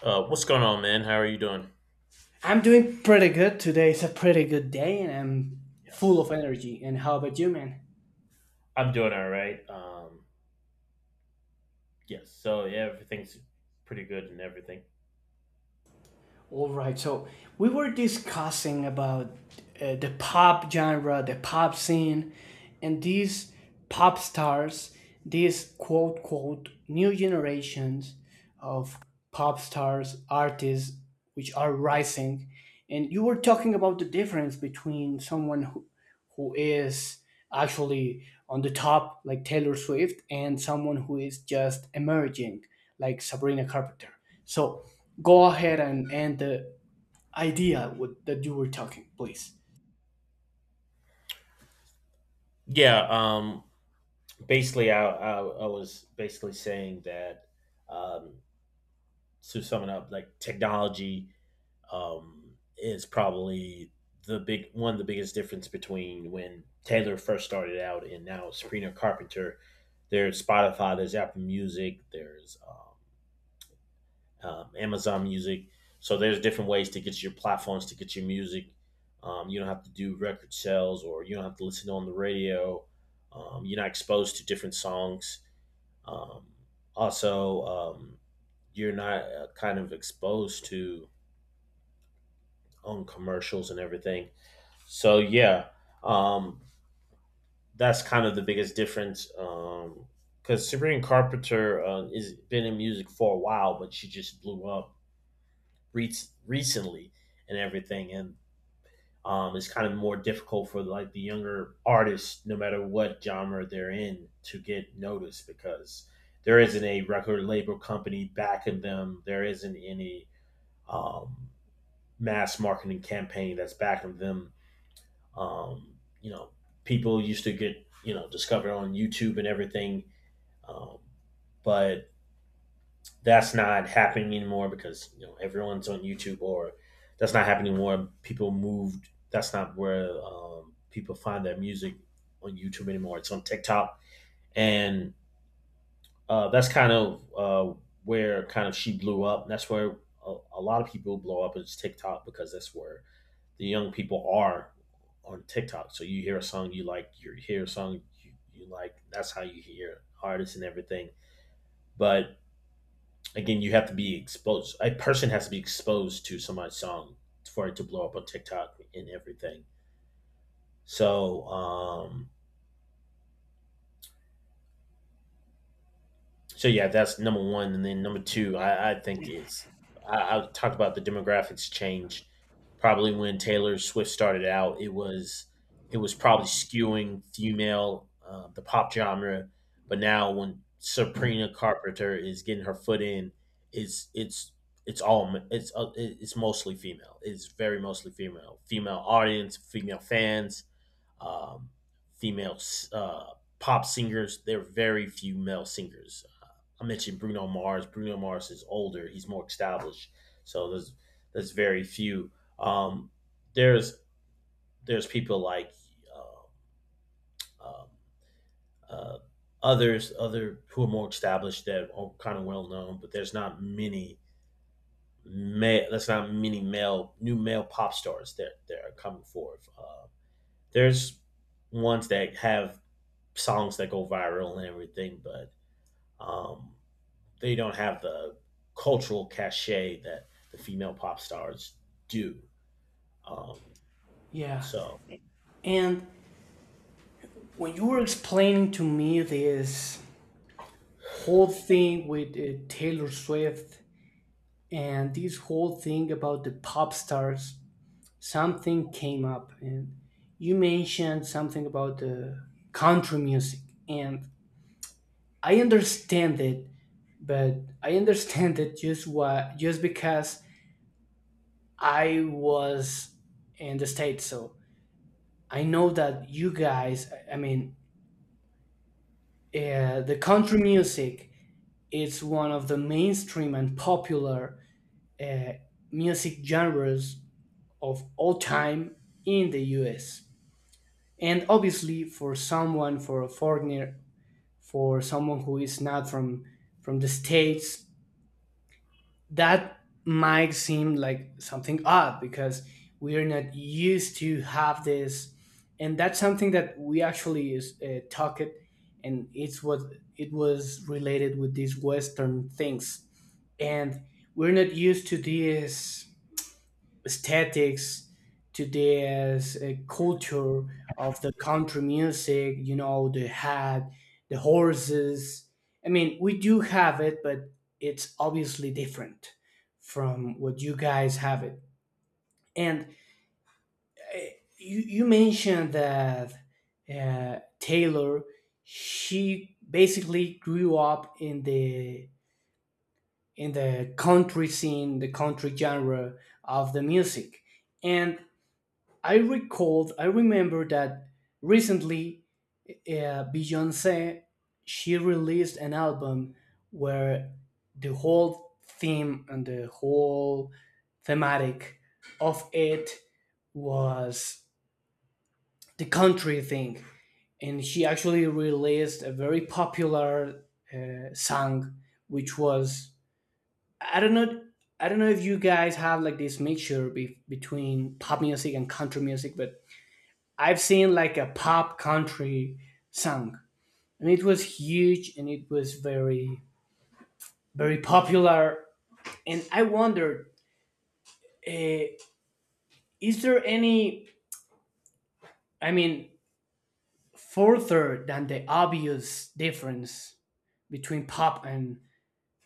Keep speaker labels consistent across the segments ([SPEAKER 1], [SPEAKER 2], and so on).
[SPEAKER 1] What's going on, man? How are you doing?
[SPEAKER 2] I'm doing pretty good. Today is a pretty good day and I'm full of
[SPEAKER 1] Yes.
[SPEAKER 2] energy. And how about you, man?
[SPEAKER 1] I'm doing all right. Yes. So yeah, everything's pretty good and everything.
[SPEAKER 2] All right. So, we were discussing about the pop genre, the pop scene, and these pop stars, these quote quote new generations of pop stars, artists which are rising. And you were talking about the difference between someone who is actually on the top like Taylor Swift and someone who is just emerging like Sabrina Carpenter. So go ahead and end the idea with, that you were talking, please.
[SPEAKER 1] Yeah. Basically, I was basically saying that um, to sum it up, like technology is probably the big one of the biggest difference between when Taylor first started out and now Sabrina Carpenter. There's Spotify, there's Apple Music, there's Amazon Music. So there's different ways to get your platforms to get your music. You don't have to do record sales, or you don't have to listen on the radio. You're not exposed to different songs. Um, Also, you're not kind of exposed to on commercials and everything. So yeah, um, that's kind of the biggest difference. Because Sabrina Carpenter has been in music for a while, but she just blew up re- recently and everything, and it's kind of more difficult for like the younger artists, no matter what genre they're in, to get noticed because there isn't a record label company backing them. There isn't any um, mass marketing campaign that's backing them. Um, you know, People used to get discovered on YouTube and everything, um, but that's not happening anymore because you know everyone's on YouTube or that's not happening anymore. People moved. That's not where people find their music on YouTube anymore. It's on TikTok, and that's kind of where kind of she blew up. And that's where a lot of people blow up is TikTok because that's where the young people are on TikTok. So you hear a song you like, you hear a song you like. That's how you hear artists and everything. But again, you have to be exposed. A person has to be exposed to somebody's song for it to blow up on TikTok and everything. So, um, So yeah, that's number one, and then number two. I think I talked about the demographics change. Probably when Taylor Swift started out, it was probably skewing female, the pop genre, but now when Sabrina Carpenter is getting her foot in, it's it's it's all ma- it's it- it's mostly female. It's very mostly female, female audience, female fans, um, female uh, pop singers. There are very few male singers. I mentioned Bruno Mars. Bruno Mars is older. He's more established. So there's very few. Um, there's there's people like uh, um, uh, others other who are more established that are kind of well known, but there's not many male. That's not many male new male pop stars that are coming forth. There's ones that have songs that go viral and everything, but um, they don't have the cultural cachet that the female pop stars do. Um,
[SPEAKER 2] Yeah.
[SPEAKER 1] so
[SPEAKER 2] And when you were explaining to me this whole thing with Taylor Swift and this whole thing about the pop stars, something came up and you mentioned something about the country music, and I understand it, but I understand it just what just because I was in the states, so I know that you guys. I mean, the country music is one of the mainstream and popular uh, music genres of all time in the U.S. And obviously, for someone, for a foreigner, for someone who is not from the states, that might seem like something odd because we are not used to have this, and that's something that we actually is talked, and it's what it was related with these western things, and we're not used to this aesthetics, to this culture of the country music, you know, the hat, the horses. I mean, we do have it, but it's obviously different from what you guys have it. And uh, you mentioned that Taylor, she basically grew up in the country scene, the country genre of the music. And I remember that recently Beyonce, she released an album where the whole theme and the whole thematic of it was the country thing, and she actually released a very popular song, which was I don't know. I don't know if you guys have like this mixture between pop music and country music, but I've seen like a pop country song, and it was huge, and it was very very popular. And I wondered, uh, is there any? I mean, further than the obvious difference between pop and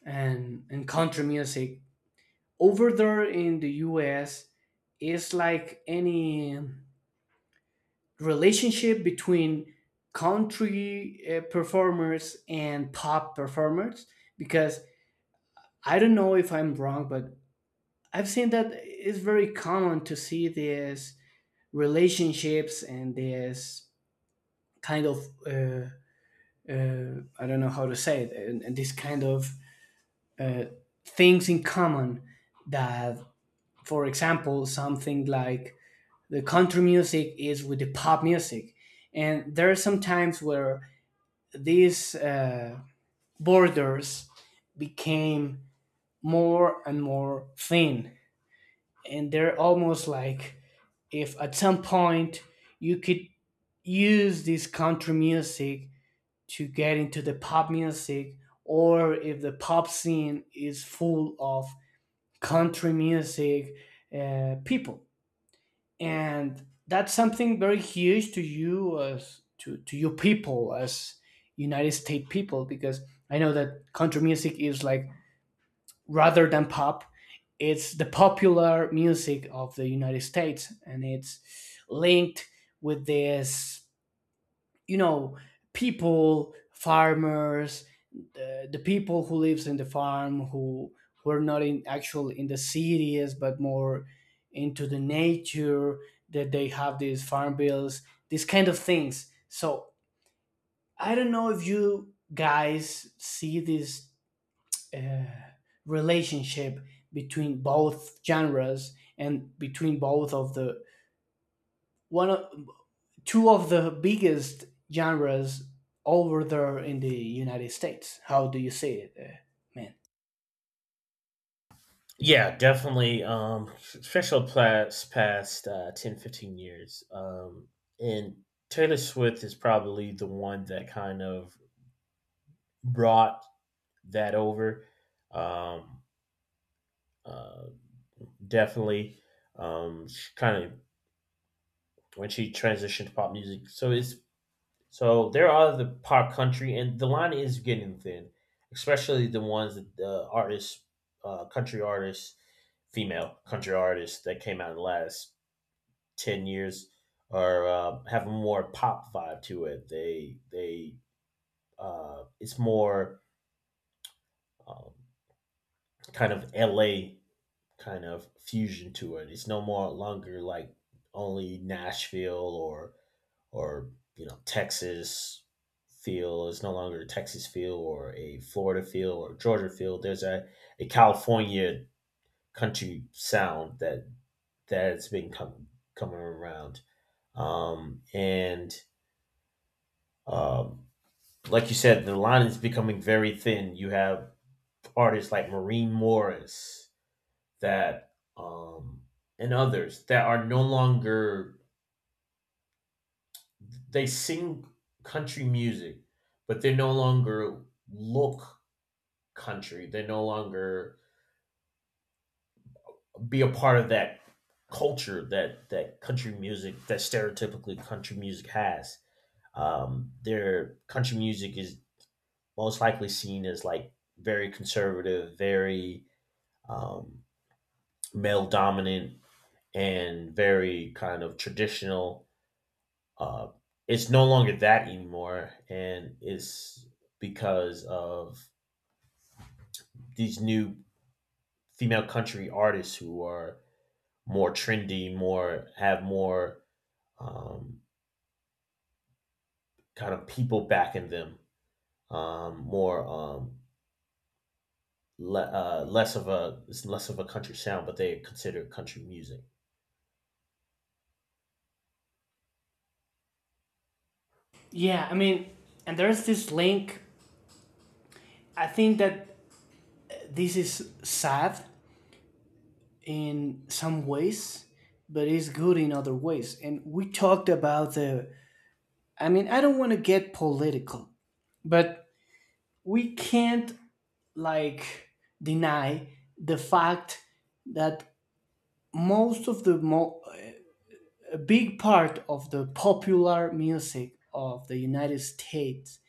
[SPEAKER 2] and country music over there in the U.S., is like any relationship between country performers and pop performers, because I don't know if I'm wrong, but I've seen that it's very common to see these relationships and this kind of I don't know how to say it, and this kind of uh, things in common that, for example, something like the country music is with the pop music, and there are some times where these borders became more and more thin, and they're almost like if at some point you could use this country music to get into the pop music, or if the pop scene is full of country music people. And that's something very huge to you as to you people as United States people, because I know that country music is like, rather than pop, it's the popular music of the United States, and it's linked with this, you know, people, farmers, the people who lives in the farm, who are not in actual in the cities, but more into the nature, that they have these farm bills, these kind of things. So I don't know if you guys see this uh, relationship between both genres, and between both of the one of two of the biggest genres over there in the United States. How do you see it, man?
[SPEAKER 1] yeah, definitely. Especially past 10, 15 years. And Taylor Swift is probably the one that kind of brought that over. Um, uh, Definitely. She kind of when she transitioned to pop music. So there are the pop country, and the line is getting thin, especially the ones that the artists, country artists, female country artists that came out in the last 10 years are have a more pop vibe to it. They it's more um, kind of L.A. kind of fusion to it. It's no more longer like only Nashville or Texas feel is no longer a Texas feel or a Florida feel or a Georgia feel. There's a California country sound that has been coming around, and um, like you said, the line is becoming very thin. You have artists like Maureen Morris that um, and others that are no longer they sing country music, but they no longer look country. They no longer be a part of that culture that country music that stereotypically country music has. Their country music is most likely seen as like very conservative, very um, male dominant, and very kind of traditional. Uh, it's no longer that anymore, and it's because of these new female country artists who are more trendy, more have more um, kind of people backing them, more less of a country sound, but they consider country music.
[SPEAKER 2] Yeah, I mean, and there's this link. I think that this is sad in some ways, but it's good in other ways. And we talked about the. I mean, I don't want to get political, but we can't like deny the fact that most of a big part of the popular music of the United States,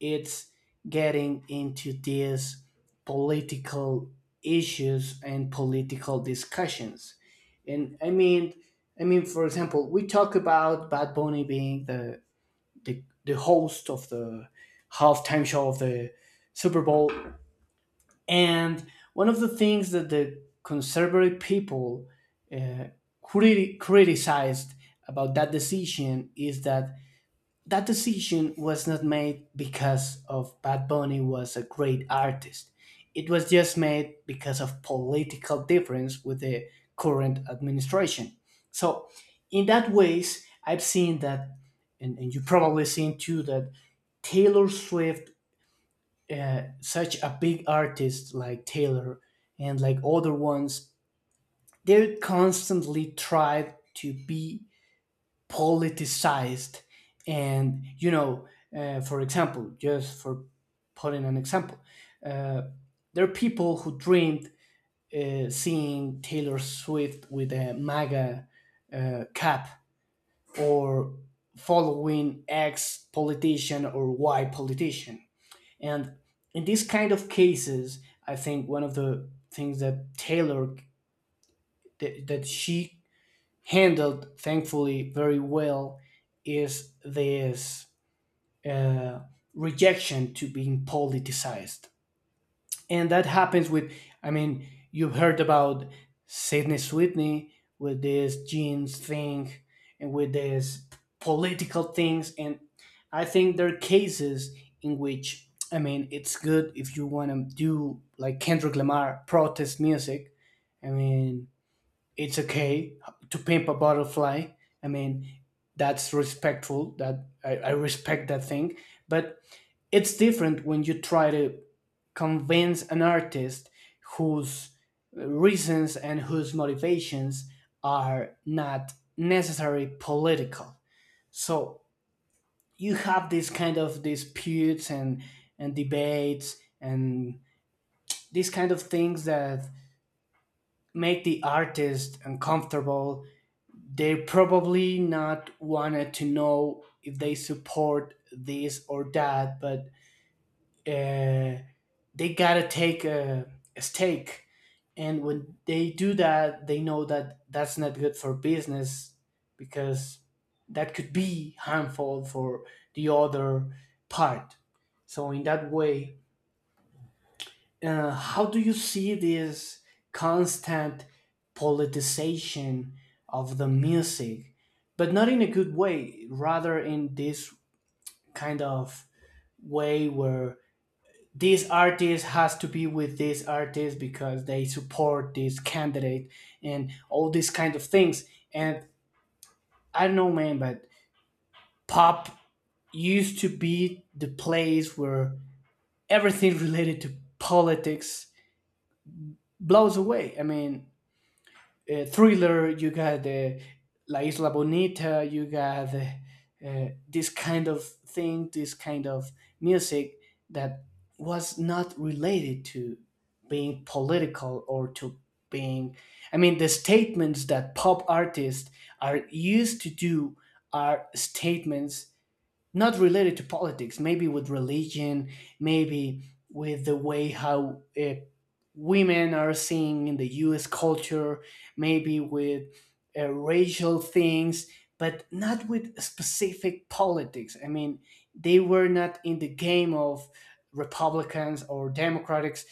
[SPEAKER 2] it's getting into these political issues and political discussions. And I mean, I mean, for example, we talk about Bad Bunny being the the host of the halftime show of the Super Bowl, and one of the things that the conservative people uh, criticized about that decision is that that decision was not made because of Bad Bunny was a great artist. It was just made because of political difference with the current administration. So, in that ways, I've seen that, and you probably seen too that Taylor Swift, such a big artist like Taylor and like other ones, they constantly try to be politicized. And, you know, for example, just for putting an example, uh, there are people who dreamed seeing Taylor Swift with a MAGA cap, or following X politician or Y politician. And in these kind of cases, I think one of the things that that she handled thankfully very well is this uh, rejection to being politicized. And that happens with, I mean, you've heard about Sidney Sweeney with this jeans thing and with this political things. And I think there are cases in which, I mean, it's good if you want to do like Kendrick Lamar protest music. I mean, it's okay to Pimp a Butterfly. I mean, that's respectful, I respect that thing. But it's different when you try to convince an artist whose reasons and whose motivations are not necessarily political. So you have this kind of disputes and debates and these kind of things that make the artist uncomfortable. They probably not wanted to know if they support this or that, but uh, they gotta take a stake, and when they do that, they know that that's not good for business, because that could be harmful for the other part. So in that way, how do you see this constant politicization of the music, but not in a good way, rather in this kind of way where this artist has to be with this artist because they support this candidate and all these kind of things? And I don't know, man, but pop used to be the place where everything related to politics blows away. I mean, Thriller, you got La Isla Bonita, you got this kind of thing, this kind of music that was not related to being political or to being. I mean, the statements that pop artists are used to do are statements not related to politics, maybe with religion, maybe with the way how women are seen in the US culture, maybe with racial things, but not with specific politics. I mean, they were not in the game of Republicans or Democrats.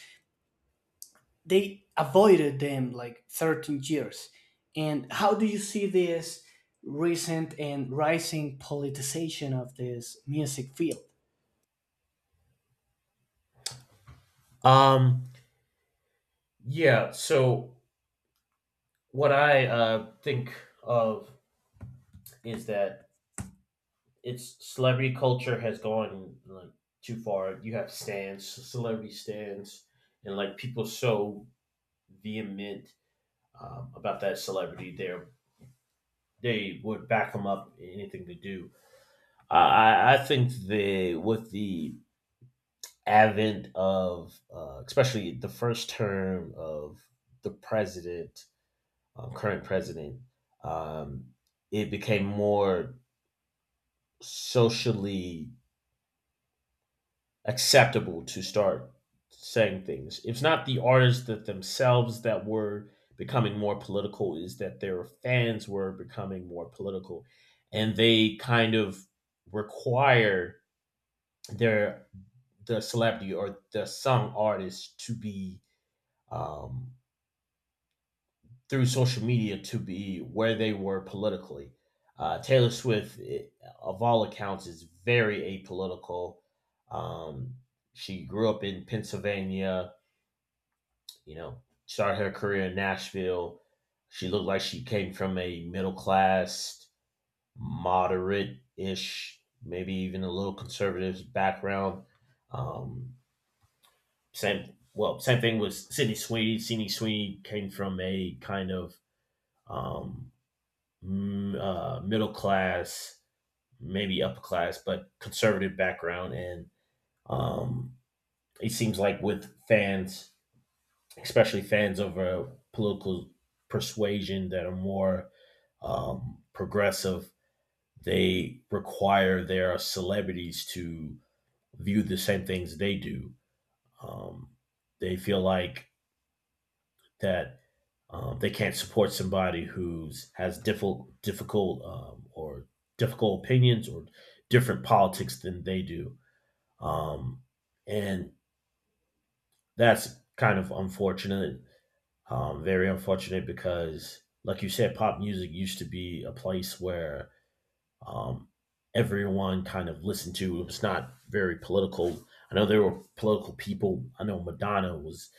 [SPEAKER 2] They avoided them like 13 years. And how do you see this recent and rising politicization of this music field?
[SPEAKER 1] Um, yeah. So what I think of is that it's celebrity culture has gone like too far. You have stands, celebrity stands, and like people so vehement about that celebrity. They would back them up in anything they do. I think the with the advent of especially the first term of the president, current president, um, it became more socially acceptable to start saying things. It's not the artists that themselves that were becoming more political, is that their fans were becoming more political. And they kind of require their the celebrity or the song artist to be um, through social media to be where they were politically. Taylor Swift, of all accounts, is very apolitical. Um, she grew up in Pennsylvania, started her career in Nashville. She looked like she came from a middle class, moderate ish, maybe even a little conservative background. Um, Same, well, same thing with Sydney Sweeney. Sydney Sweeney came from a kind of um, middle class, maybe upper class, but conservative background. And um, it seems like with fans, especially fans of a political persuasion that are more progressive, they require their celebrities to view the same things they do. Um, they feel like that they can't support somebody who's has difficult opinions or different politics than they do, um, and that's kind of unfortunate. Very unfortunate because, like you said, pop music used to be a place where um, everyone kind of listened to. It was not very political. I know there were political people. I know Madonna was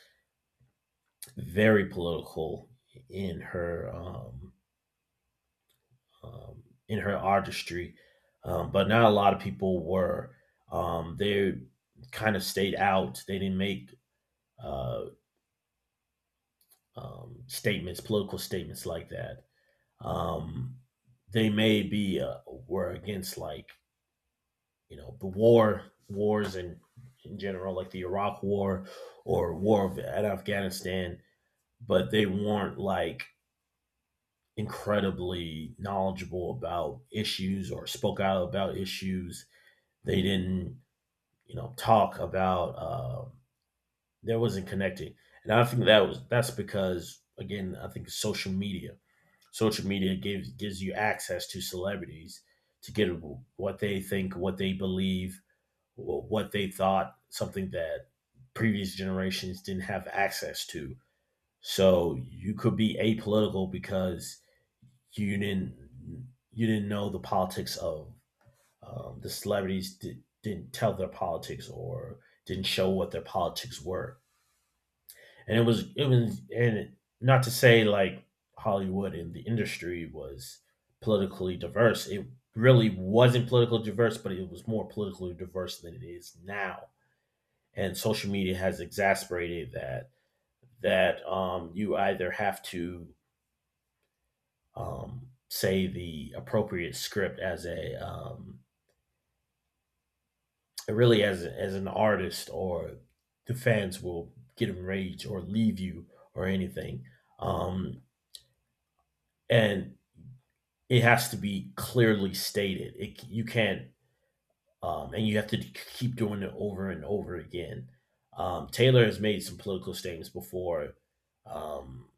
[SPEAKER 1] very political in her um, um, in her artistry, but not a lot of people were. They kind of stayed out. They didn't make uh, statements, political statements like that. Um, they may be were against like the wars in general, like the Iraq War or War at Afghanistan, but they weren't like incredibly knowledgeable about issues or spoke out about issues. They didn't talk about there wasn't connecting, and I think that's because again I think social media gives you access to celebrities to get what they think, what they believe, what they thought, something that previous generations didn't have access to. So you could be apolitical because you didn't you didn't know the politics of the celebrities didn't tell their politics or didn't show what their politics were, and it was and not to say like Hollywood and the industry was politically diverse. It really wasn't politically diverse, but it was more politically diverse than it is now. And social media has exasperated that you either have to say the appropriate script as a, really, as an artist, or the fans will get enraged or leave you or anything. Um, and it has to be clearly stated. It You can't, and you have to keep doing it over and over again. Taylor has made some political statements before um,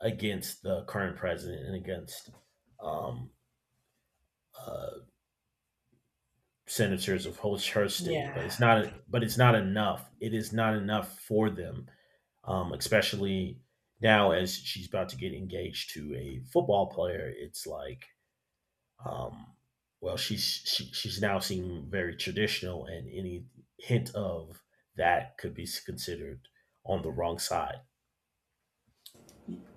[SPEAKER 1] against the current president and against um, uh, senators of her state, but it's
[SPEAKER 2] Yeah,
[SPEAKER 1] not. But it's not enough. It is not enough for them, especially now as she's about to get engaged to a football player. It's like, Um, well, she's now seeming very traditional, and any hint of that could be considered on the wrong side.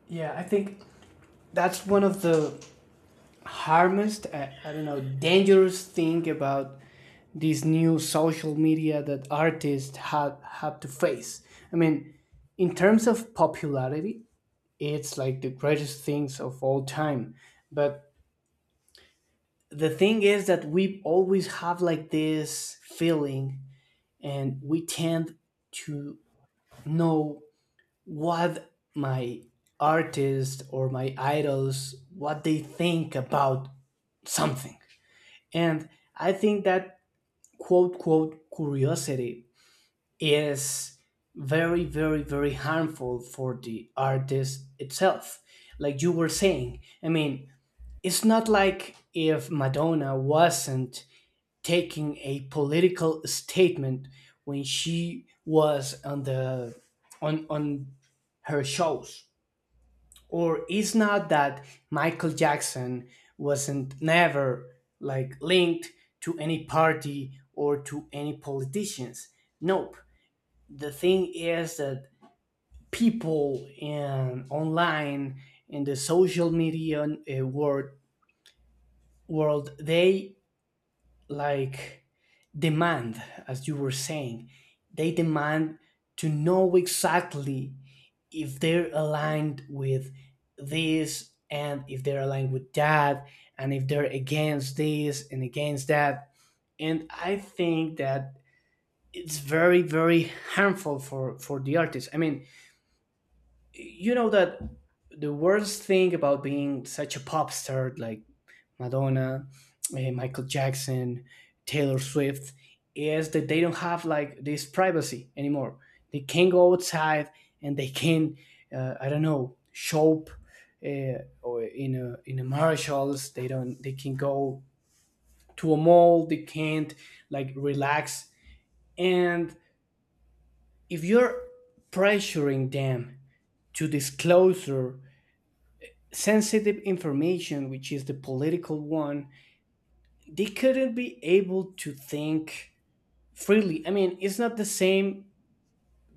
[SPEAKER 2] yeah. I think that's one of the harmest, I don't know, dangerous thing about these new social media that artists have to face. I mean, in terms of popularity, it's like the greatest things of all time. But the thing is that we always have like this feeling, and we tend to know what my artist or my idols what they think about something. And I think that quote quote curiosity is very very very harmful for the artist itself. Like you were saying, I mean, it's not like if Madonna wasn't taking a political statement when she was on the on her shows, or it's not that Michael Jackson wasn't never like linked to any party or to any politicians. Nope. The thing is that people in online in the social media world they like demand, as you were saying, they demand to know exactly if they're aligned with this, and if they're aligned with that, and if they're against this and against that. And I think that it's very very harmful for the artist. I mean, you know that the worst thing about being such a pop star like Madonna, eh, Michael Jackson, Taylor Swift, is that they don't have like this privacy anymore. They can go outside and they can, I don't know, shop or in a marshals. They don't. They can go to a mall. They can't like relax. And if you're pressuring them to disclose sensitive information, which is the political one, they couldn't be able to think freely. I mean, it's not the same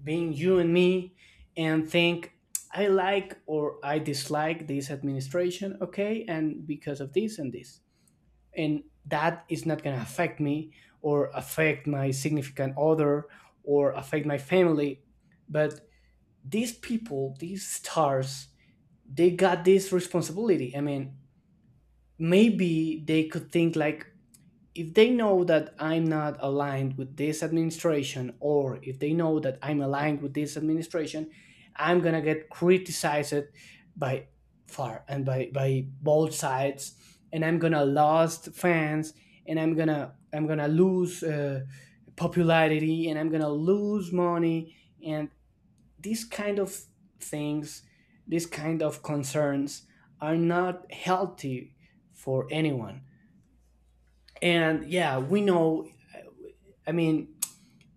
[SPEAKER 2] being you and me and think I like or I dislike this administration, okay, and because of this and this. And that is not going to affect me, or affect my significant other, or affect my family. But these people, these stars, they got this responsibility. I mean, maybe they could think like if they know that I'm not aligned with this administration, or if they know that I'm aligned with this administration, I'm gonna get criticized by far and by both sides, and I'm gonna lost fans, and I'm gonna lose popularity, and I'm gonna lose money, and these kind of things, these kind of concerns are not healthy for anyone. And yeah, we know. I mean,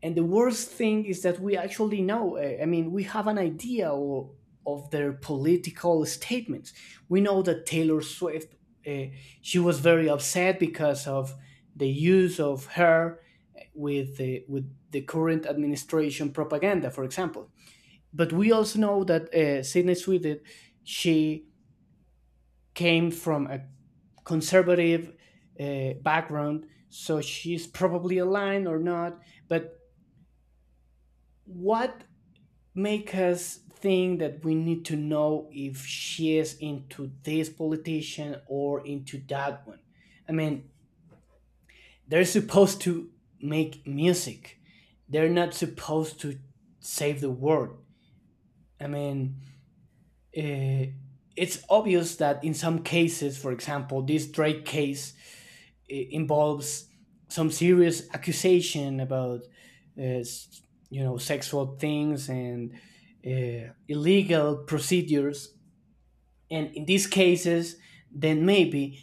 [SPEAKER 2] and the worst thing is that we actually know. I mean, we have an idea of their political statements. We know that Taylor Swift, uh, she was very upset because of the use of her with with the current administration propaganda, for example. But we also know that Sidney Swift, she came from a conservative background, so she's probably aligned or not. But what make us think that we need to know if she is into this politician or into that one? I mean, they're supposed to make music, they're not supposed to save the world. I mean, uh, it's obvious that in some cases, for example, this Drake case involves some serious accusation about, uh, s- you know, sexual things and illegal procedures. And in these cases, then maybe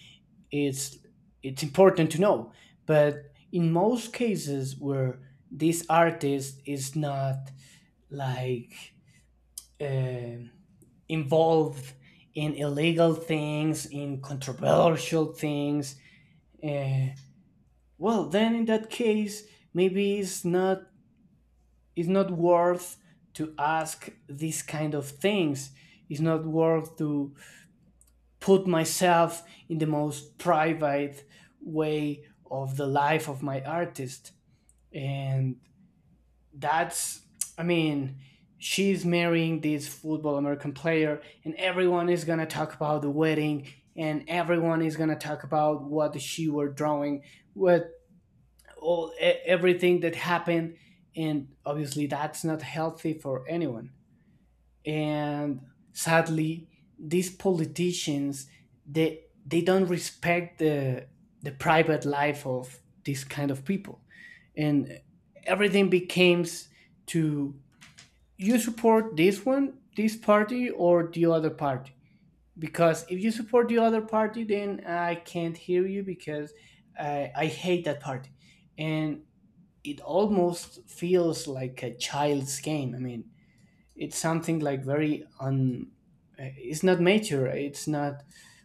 [SPEAKER 2] it's it's important to know. But in most cases where this artist is not like. um involved in illegal things, in controversial things, uh, well, then in that case, maybe it's not worth to ask these kind of things. It's not worth to put myself in the most private way of the life of my artist. And that's, I mean, she's marrying this football american player and everyone is going to talk about the wedding, and everyone is going to talk about what she were drawing, what, all everything that happened, and obviously that's not healthy for anyone. And sadly, these politicians, they don't respect the private life of these kind of people. And everything becomes to, you support this one, this party, or the other party. Because if you support the other party, then I can't hear you because I hate that party. And it almost feels like a child's game. I mean, it's something like very un. It's not mature. It's not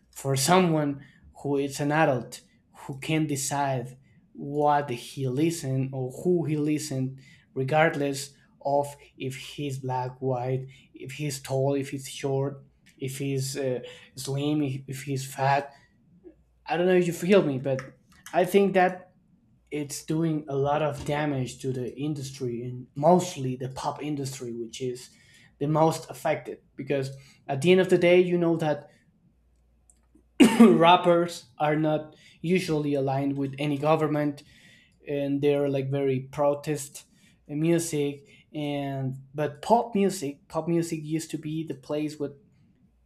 [SPEAKER 2] for someone who is an adult who can decide what he listen or who he listen, regardless of if he's black, white, if he's tall, if he's short, if he's slim, if he's fat. I don't know if you feel me, but I think that it's doing a lot of damage to the industry, and mostly the pop industry, which is the most affected because at the end of the day, you know that rappers are not usually aligned with any government, and they're like very protest music. And but pop music, pop music used to be the place with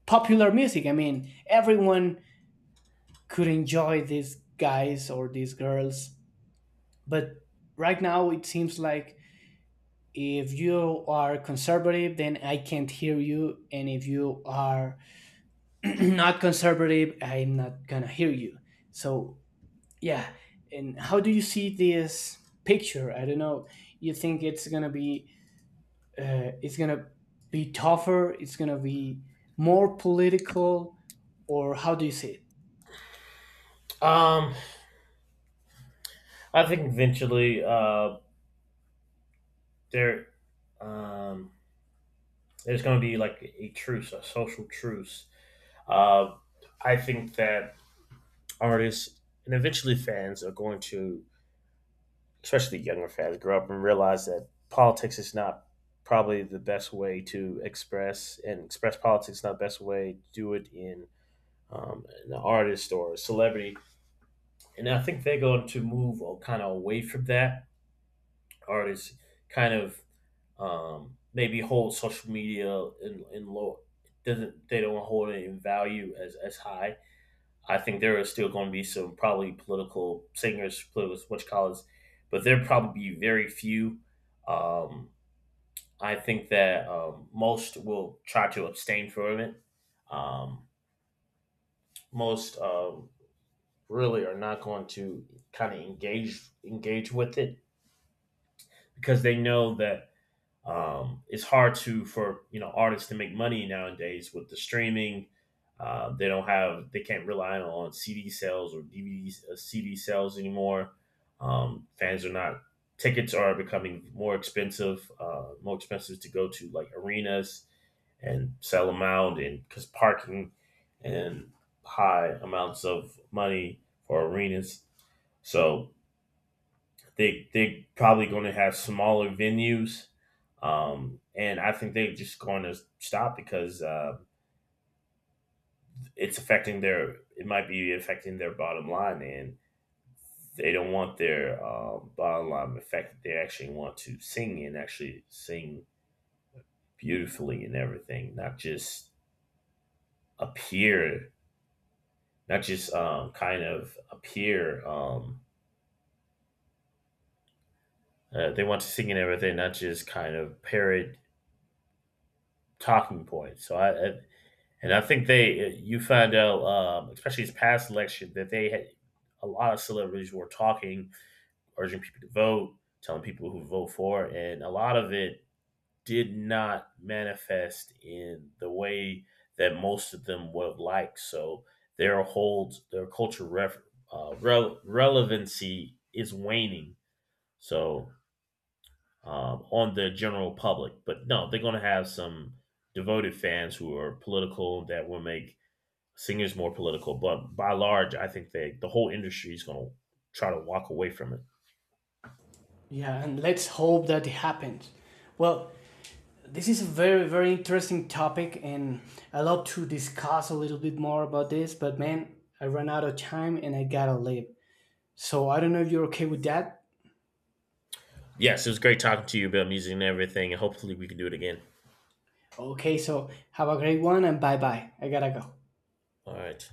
[SPEAKER 2] popular music. I mean, everyone could enjoy these guys or these girls. But right now it seems like if you are conservative, then I can't hear you, and if you are not conservative, I'm not gonna hear you. So yeah, and how do you see this picture? I don't know. You think it's gonna be, it's gonna be tougher, it's gonna be more political, or how do you see it?
[SPEAKER 1] Um, I think eventually, there, um, there's going to be like a truce, a social truce. Uh, I think that artists and eventually fans are going to, especially younger fans, grow up and realize that politics is not probably the best way to express, and express politics is not the best way to do it in an artist or a celebrity. And I think they're going to move kind of away from that. Artists kind of maybe hold social media in low, doesn't, they don't hold it in value as high. I think there are still going to be some probably political singers, political what, but there will probably be very few. Um, I think that most will try to abstain from it. Um, most really are not going to kind of engage with it because they know that it's hard to for artists to make money nowadays with the streaming. They don't have they can't rely on CD sales or DVD CD sales anymore. Fans are not, tickets are becoming more expensive to go to like arenas and sell them out, and because parking and high amounts of money for arenas. So they probably going to have smaller venues, and I think they're just going to stop because it's affecting their. It might be affecting their bottom line, and they don't want their bottom line affected. They actually want to sing and actually sing beautifully and everything, not just appear, not just kind of appear. They want to sing and everything, not just kind of parrot talking points. So I And I think you find out, especially this past election, that they had a lot of celebrities were talking, urging people to vote, telling people who to vote for, and a lot of it did not manifest in the way that most of them would have liked. So their culture relevancy is waning. So on the general public, but no, they're going to have some devoted fans who are political that will make singing's more political, but by large, I think the whole industry is gonna try to walk away from it.
[SPEAKER 2] Yeah, and let's hope that it happens. Well, this is a very interesting topic, and I love to discuss a little bit more about this, but man, I ran out of time and I gotta leave. So I don't know if you're okay with that.
[SPEAKER 1] Yes, it was great talking to you about music and everything, and hopefully we can do it again.
[SPEAKER 2] Okay, so have a great one, and bye bye, I gotta go.
[SPEAKER 1] All right.